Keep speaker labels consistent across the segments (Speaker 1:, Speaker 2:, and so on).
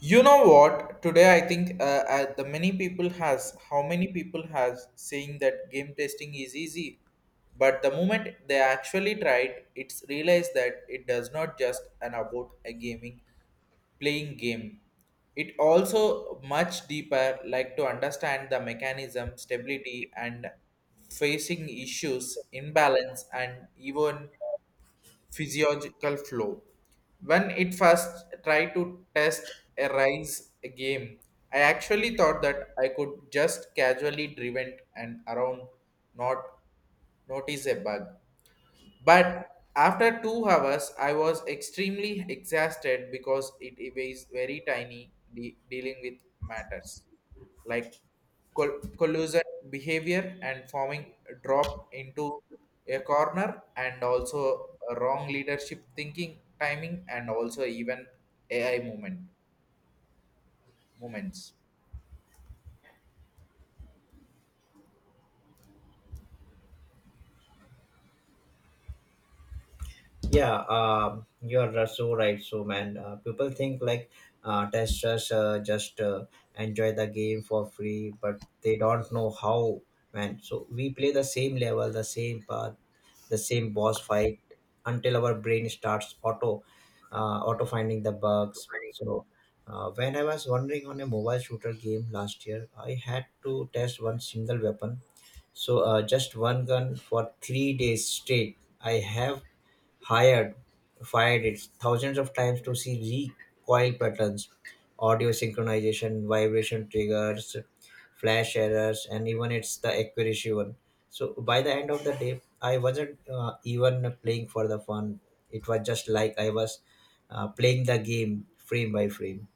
Speaker 1: You know what? Today I think the many people has how many people has saying that game testing is easy, but the moment they actually tried, it's realized that it does not just an about a gaming playing game. It also much deeper like to understand the mechanism, stability, and facing issues, imbalance, and even physiological flow. When it first tried to test a rise game, I actually thought that I could just casually driven and around, not notice a bug. But after 2 hours, I was extremely exhausted because it was very tiny dealing with matters like collusion behavior and forming drop into a corner and also wrong leadership thinking timing and also even AI movement moments.
Speaker 2: Yeah, you're so right. So, man, people think like testers just enjoy the game for free, but they don't know how, man. So, we play the same level, the same path, the same boss fight until our brain starts auto finding the bugs. So, when I was wandering on a mobile shooter game last year, I had to test one single weapon. So, just one gun for 3 days straight. I have hired fired it thousands of times to see recoil patterns, audio synchronization, vibration triggers, flash errors, and even it's the accuracy one. So by the end of the day, I wasn't even playing for the fun. It was just like I was playing the game frame by frame.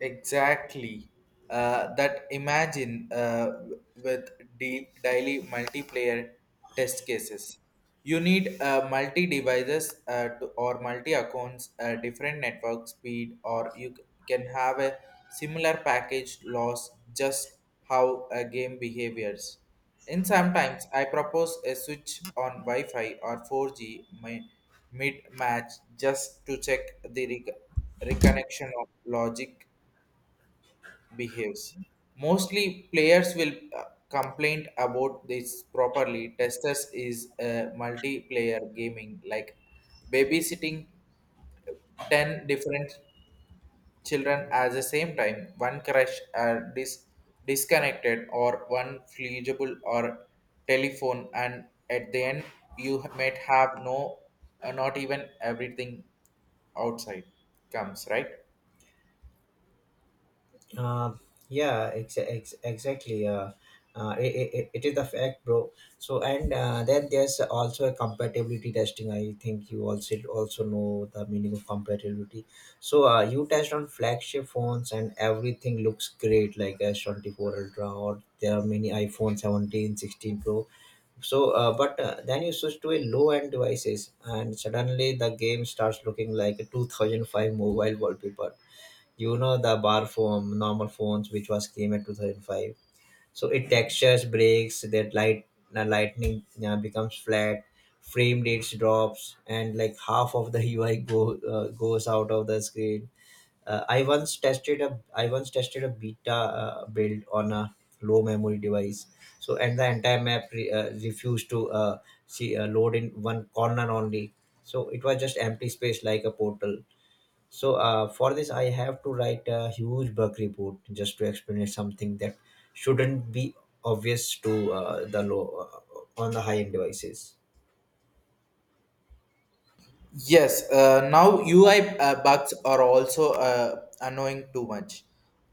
Speaker 1: Exactly. That imagine with deep daily multiplayer test cases. You need multi devices or multi accounts, different network speed, or you can have a similar package loss just how a game behaviors. And sometimes, I propose a switch on Wi Fi or 4G mid match just to check the reconnection of logic behaves. Mostly players will complain about this properly. Testers is a multiplayer gaming like babysitting 10 different children at the same time. One crash or disconnected or one flexible or telephone and at the end you might have no not even everything outside comes right.
Speaker 2: Uh, yeah, exactly. It is a fact, bro. So, and then there's also a compatibility testing. I think you also know the meaning of compatibility. So, you test on flagship phones, and everything looks great, like S24 Ultra, or there are many iPhone 17, 16 Pro. So, but then you switch to a low end devices, and suddenly the game starts looking like a 2005 mobile wallpaper. You know, the bar phone normal phones which was came at 2005. So it textures breaks that light, the lightning becomes flat, frame rates drops, and like half of the ui go goes out of the screen. Uh, I once tested a I once tested a beta build on a low memory device. So and the entire map refused to see load in one corner only. So it was just empty space like a portal. So for this, I have to write a huge bug report just to explain it something that shouldn't be obvious to the low on the high end devices.
Speaker 1: Yes, now UI bugs are also annoying too much.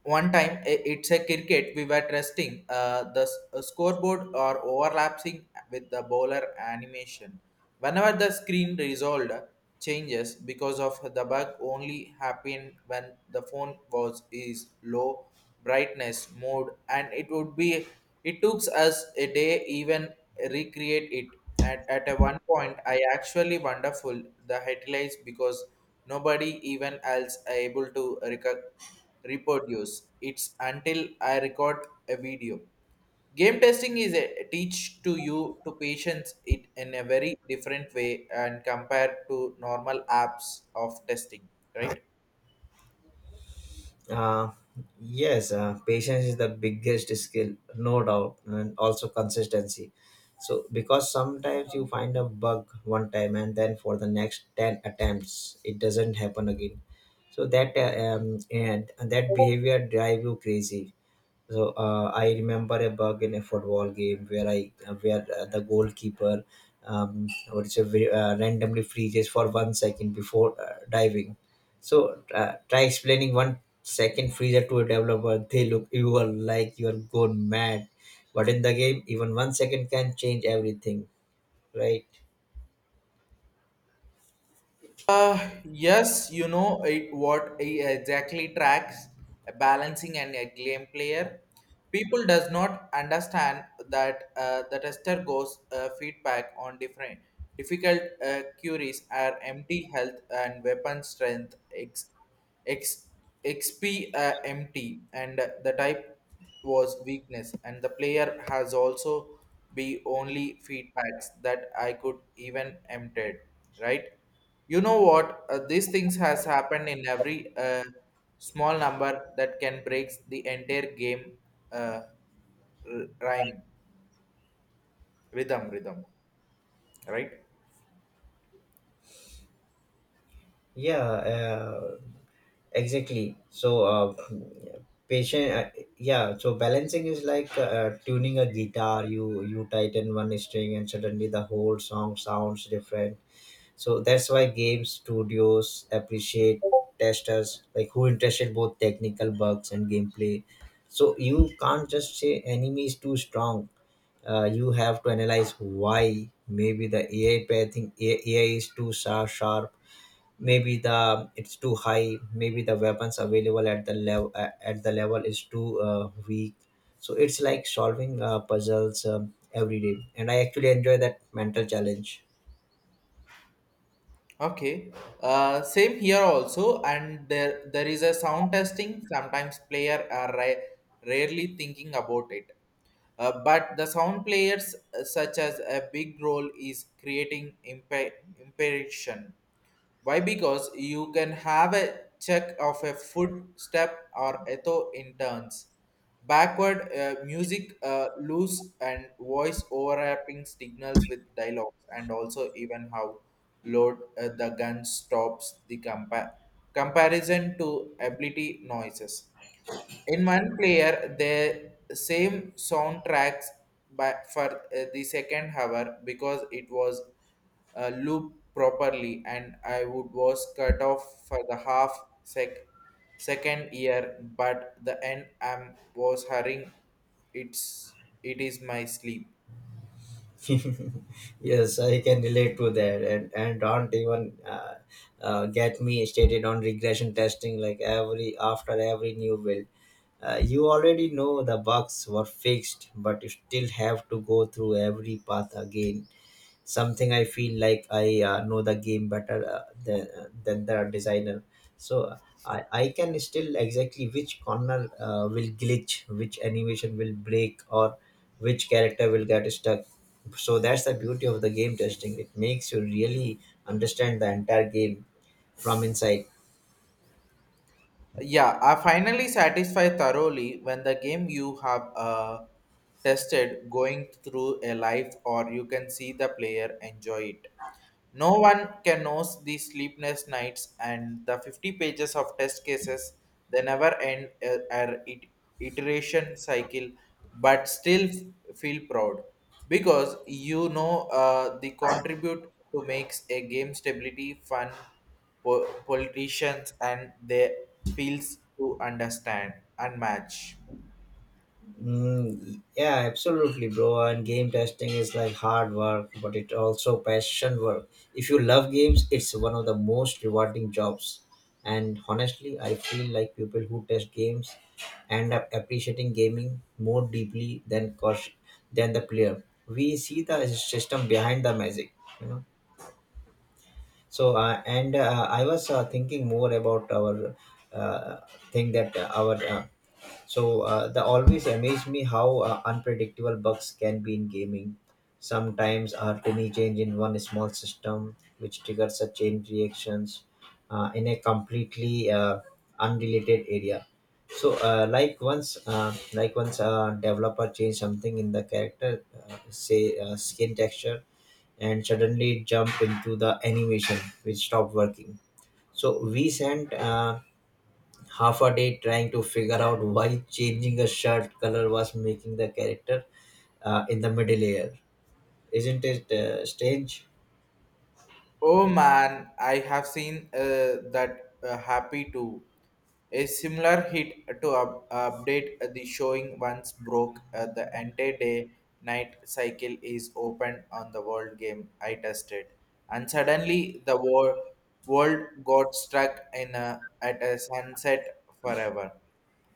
Speaker 1: One time, it's a cricket, we were testing the scoreboard or overlapping with the bowler animation. Whenever the screen resolved changes because of the bug only happened when the phone was is low brightness mode and it would be it took us a day even recreate it at a one point, I actually wonderful the headlines because nobody even else are able to reproduce. It's until I record a video. Game testing is a teach to you to patience it in a very different way and compared to normal apps of testing.
Speaker 2: Uh, yes, patience is the biggest skill, no doubt, and also consistency. So because sometimes you find a bug one time and then for the next ten attempts it doesn't happen again. So that and that behavior drive you crazy. So I remember a bug in a football game where the goalkeeper what is a very, randomly freezes for 1 second before diving. So try explaining 1 second freezer to a developer. They look you are like you are gone mad. But in the game, even 1 second can change everything, right?
Speaker 1: Yes, you know it, what exactly tracks a balancing and a game player. People does not understand that the tester goes feedback on different difficult queries are empty health and weapon strength x xp empty and the type was weakness and the player has also be only feedbacks that I could even empted right. You know what? These things has happened in every small number that can breaks the entire game uh, r- rhyme rhythm right.
Speaker 2: Yeah, exactly. So, patient, yeah. So balancing is like tuning a guitar. You tighten one string, and suddenly the whole song sounds different. So that's why game studios appreciate testers, like who interested both technical bugs and gameplay. So you can't just say enemy is too strong. You have to analyze why. Maybe the AI pathing AI is too sharp, maybe the it's too high, maybe the weapons available at the level is too weak. So it's like solving puzzles every day, and I actually enjoy that mental challenge.
Speaker 1: Okay, same here also and there is a sound testing sometimes player are rarely thinking about it, but the sound players such as a big role is creating impression. Why? Because you can have a check of a footstep or etho in turns. Backward music, loose and voice overlapping signals with dialogues, and also even how load the gun stops the comparison to ability noises. In one player, the same soundtracks by, for the second hour because it was looped properly, and I would was cut off for the half sec second year, but the end I was hurrying. It's it is my sleep.
Speaker 2: Yes, I can relate to that. And don't even get me stated on regression testing, like every after every new build you already know the bugs were fixed, but you still have to go through every path again. Something I feel like I know the game better than the designer. So I can still exactly which corner will glitch, which animation will break, or which character will get stuck. So that's the beauty of the game testing. It makes you really understand the entire game from inside.
Speaker 1: Yeah, I finally satisfied thoroughly when the game you have tested going through a life, or you can see the player enjoy it. No one can knows the sleepless nights and the 50 pages of test cases. They never end our iteration cycle, but still feel proud because the contribute to makes a game stability fun. Politicians and they feels to understand and match.
Speaker 2: Mm, yeah, absolutely, bro. And game testing is like hard work, but it also passion work. If you love games, it's one of the most rewarding jobs. And honestly, I feel like people who test games end up appreciating gaming more deeply than cost than the player. We see the system behind the magic, you know. So, and I was thinking more about our uh, thing that our so the always amazed me how unpredictable bugs can be in gaming. Sometimes a tiny change in one small system which triggers a chain reactions in a completely unrelated area. So, like once a developer changed something in the character, say skin texture, and suddenly jump into the animation which stopped working. So we spent half a day trying to figure out why changing a shirt color was making the character in the middle layer. Isn't it strange?
Speaker 1: Oh man, I have seen that happy too. A similar hit to update the showing once broke the entire day night cycle is open on the world game I tested. And suddenly the world got stuck at a sunset forever.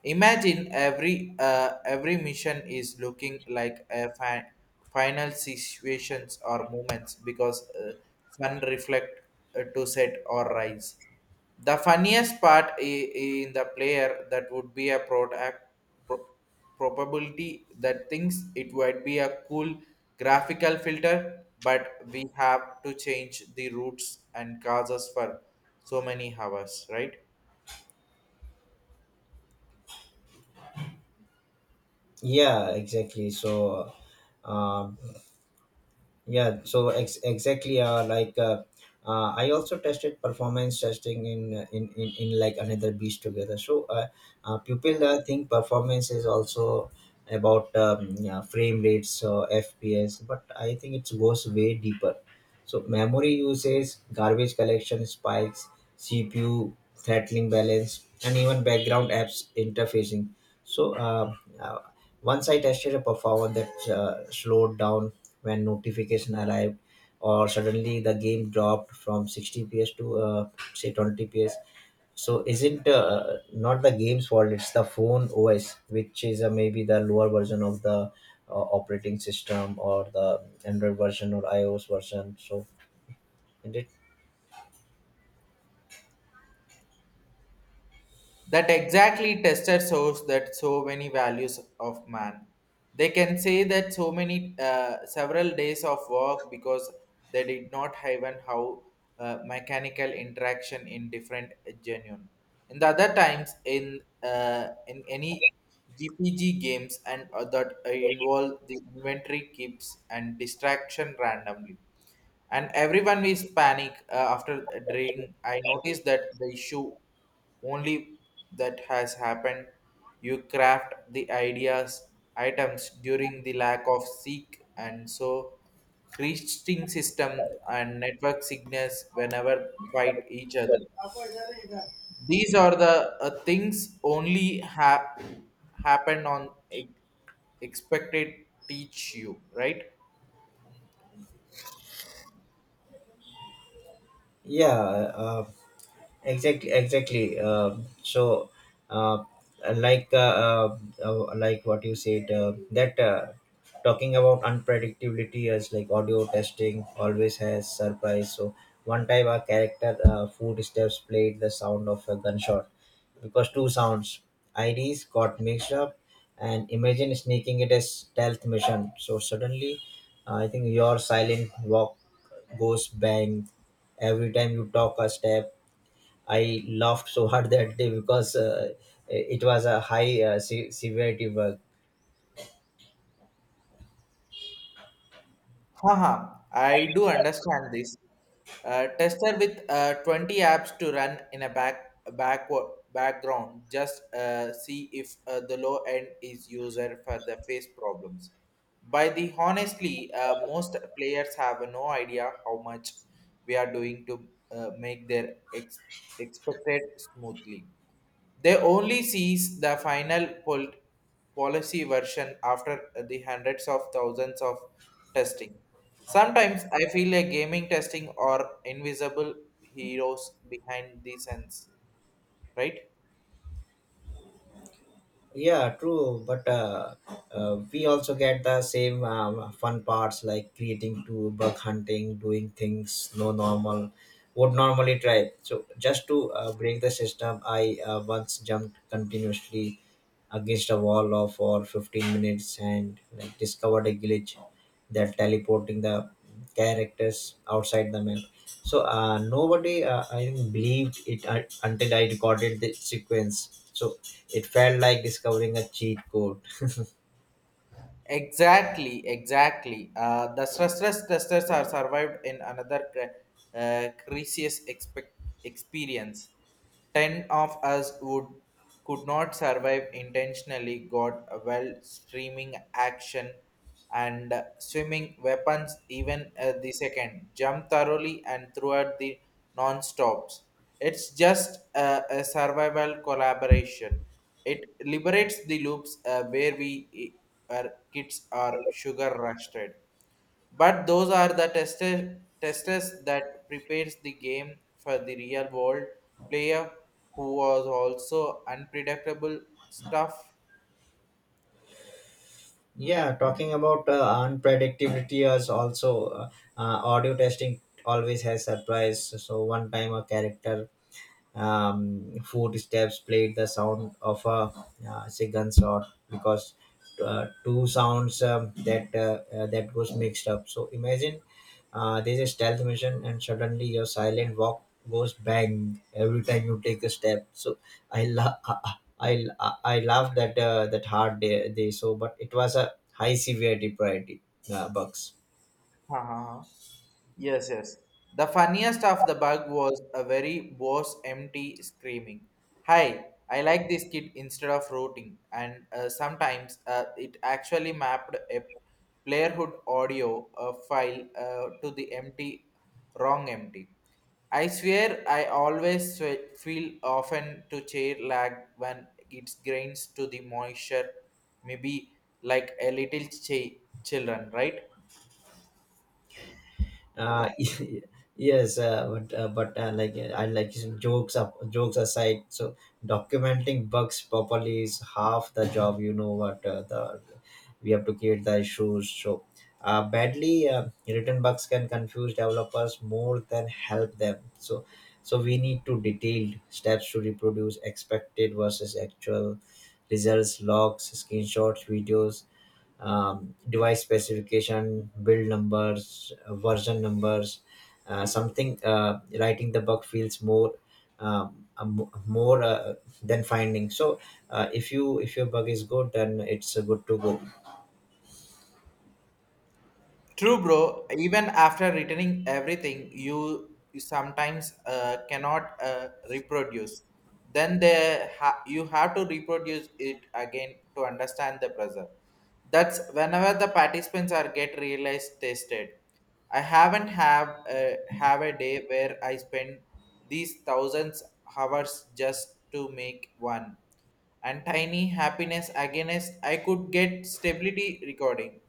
Speaker 1: Imagine every mission is looking like a final situations or moments because sun reflect to set or rise. The funniest part in the player that would be a pro- probability that thinks it would be a cool graphical filter, but we have to change the routes and causes for so many hours, right?
Speaker 2: Yeah, exactly. So um, Yeah, so ex- exactly. Like I also tested performance testing in like another beast together. So people think performance is also about yeah, frame rates, so FPS, but I think it goes way deeper. So memory usage, garbage collection spikes, CPU throttling balance, and even background apps interfacing. So uh, once I tested a performance that slowed down when notification arrived, or suddenly the game dropped from 60 ps to say 20 ps. So is it not the game's fault? It's the phone OS, which is maybe the lower version of the operating system, or the Android version, or iOS version. So, and it,
Speaker 1: That exactly tester shows that so many values of man. They can say that so many several days of work because they did not even how mechanical interaction in different genuine. In the other times in any GPG games and that involve the inventory keeps and distraction randomly and everyone is panic after a drink I noticed that the issue only that has happened you craft the ideas items during the lack of seek and so creating system and network signals whenever fight each other these are the things only happen on expected teach you right.
Speaker 2: yeah, exactly. Uh, like uh, uh, like what you said that talking about unpredictability, as like audio testing always has surprise. So one time our character footsteps played the sound of a gunshot because two sounds ids got mixed up. And imagine sneaking it as stealth mission, so suddenly I think your silent walk goes bang every time you talk a step. I laughed so hard that day, because it was a high severity work.
Speaker 1: Haha, I do understand this. Tester with 20 apps to run in a back background. Just see if the low end is user for the face problems. By the honestly, most players have no idea how much we are doing to make their expected smoothly. They only sees the final policy version after the hundreds of thousands of testing. Sometimes I feel a gaming testing or invisible heroes behind the scenes, right?
Speaker 2: Yeah, true. But we also get the same fun parts, like creating to bug hunting, doing things no normal would normally try. So just to break the system, I once jumped continuously against a wall of for 15 minutes, and like discovered a glitch that teleporting the characters outside the map. So nobody, I think, believed it until I recorded the sequence. So it felt like discovering a cheat code.
Speaker 1: Exactly, exactly. The stressless testers are survived in another crisis experience. Ten of us would could not survive intentionally. Got a well streaming action and swimming weapons. Even the second jump thoroughly and throughout the non stops. It's just a survival collaboration. It liberates the loops where our kids are sugar rusted. But those are the testers that prepares the game for the real world player who was also unpredictable stuff.
Speaker 2: Yeah, talking about unpredictability is also uh, audio testing always has surprise. So one time a character footsteps played the sound of a, say, gunshot because two sounds that goes mixed up. So imagine there's a stealth mission, and suddenly your silent walk goes bang every time you take a step. So I la- I laughed that that hard day. So but it was a high severity priority bugs.
Speaker 1: Yes, yes. The funniest of the bug was a very boss empty screaming. Hi, I like this kid instead of rooting. And sometimes it actually mapped a playerhood audio file to the empty, wrong empty. I swear I always feel often to chair lag when it grains to the moisture, maybe like a little children, right?
Speaker 2: uh yes, but like I like some jokes aside. So documenting bugs properly is half the job. You know what, the we have to create the issues. So badly written bugs can confuse developers more than help them. So so we need to detailed steps to reproduce, expected versus actual results, logs, screenshots, videos, device specification, build numbers, version numbers, something writing the bug feels more more than finding. So if you if your bug is good, then it's good to go.
Speaker 1: True, bro. Even after returning everything, you sometimes cannot reproduce. Then you have to reproduce it again to understand the pressure. That's whenever the participants are get realized tested. I haven't have a day where I spend these thousands hours just to make one and tiny happiness against I could get stability recording.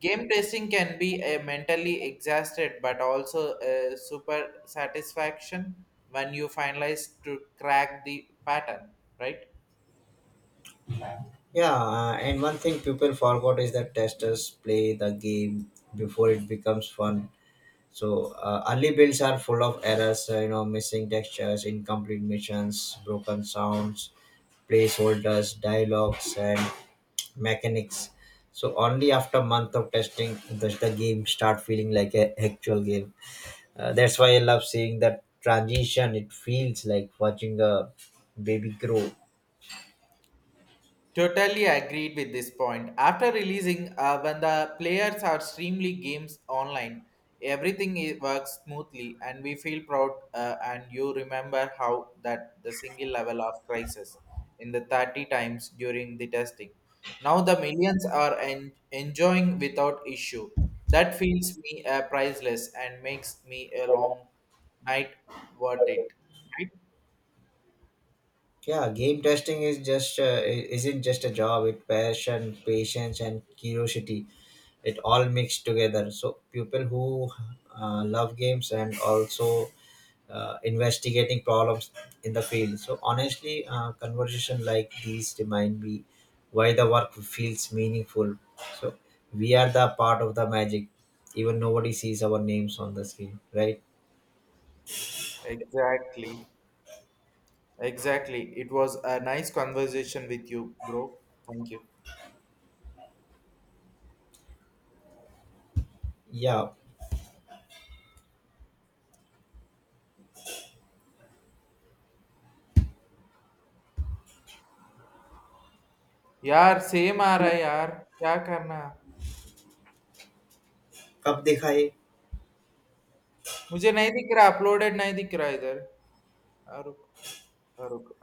Speaker 1: Game testing can be a mentally exhausted but also a super satisfaction when you finalize to crack the pattern, right?
Speaker 2: Yeah, and one thing people forgot is that testers play the game before it becomes fun. So early builds are full of errors, you know, missing textures, incomplete missions, broken sounds, placeholders, dialogues, and mechanics. So only after month of testing does the game start feeling like a actual game. That's why I love seeing that transition. It feels like watching a baby grow.
Speaker 1: Totally agreed with this point. After releasing, when the players are streamly games online, everything works smoothly, and we feel proud. And you remember how that the single level of crisis in the 30 times during the testing. Now the millions are enjoying without issue. That feels me priceless and makes me a long night worth it.
Speaker 2: Yeah, game testing is just isn't just a job. It passion, patience, and curiosity. It all mixed together. So people who love games and also investigating problems in the field. So honestly, conversation like these remind me why the work feels meaningful. So we are the part of the magic. Even nobody sees our names on the screen, right?
Speaker 1: Exactly. Exactly. It was a nice conversation with you, bro. Thank you.
Speaker 2: Yeah.
Speaker 1: यार same आ रहा है यार, क्या करना?
Speaker 2: कब देखा ये
Speaker 1: मुझे नहीं दिख रहा, अपलोडेड नहीं दिख रहा इधर। हाँ, रुक। हाँ, रुक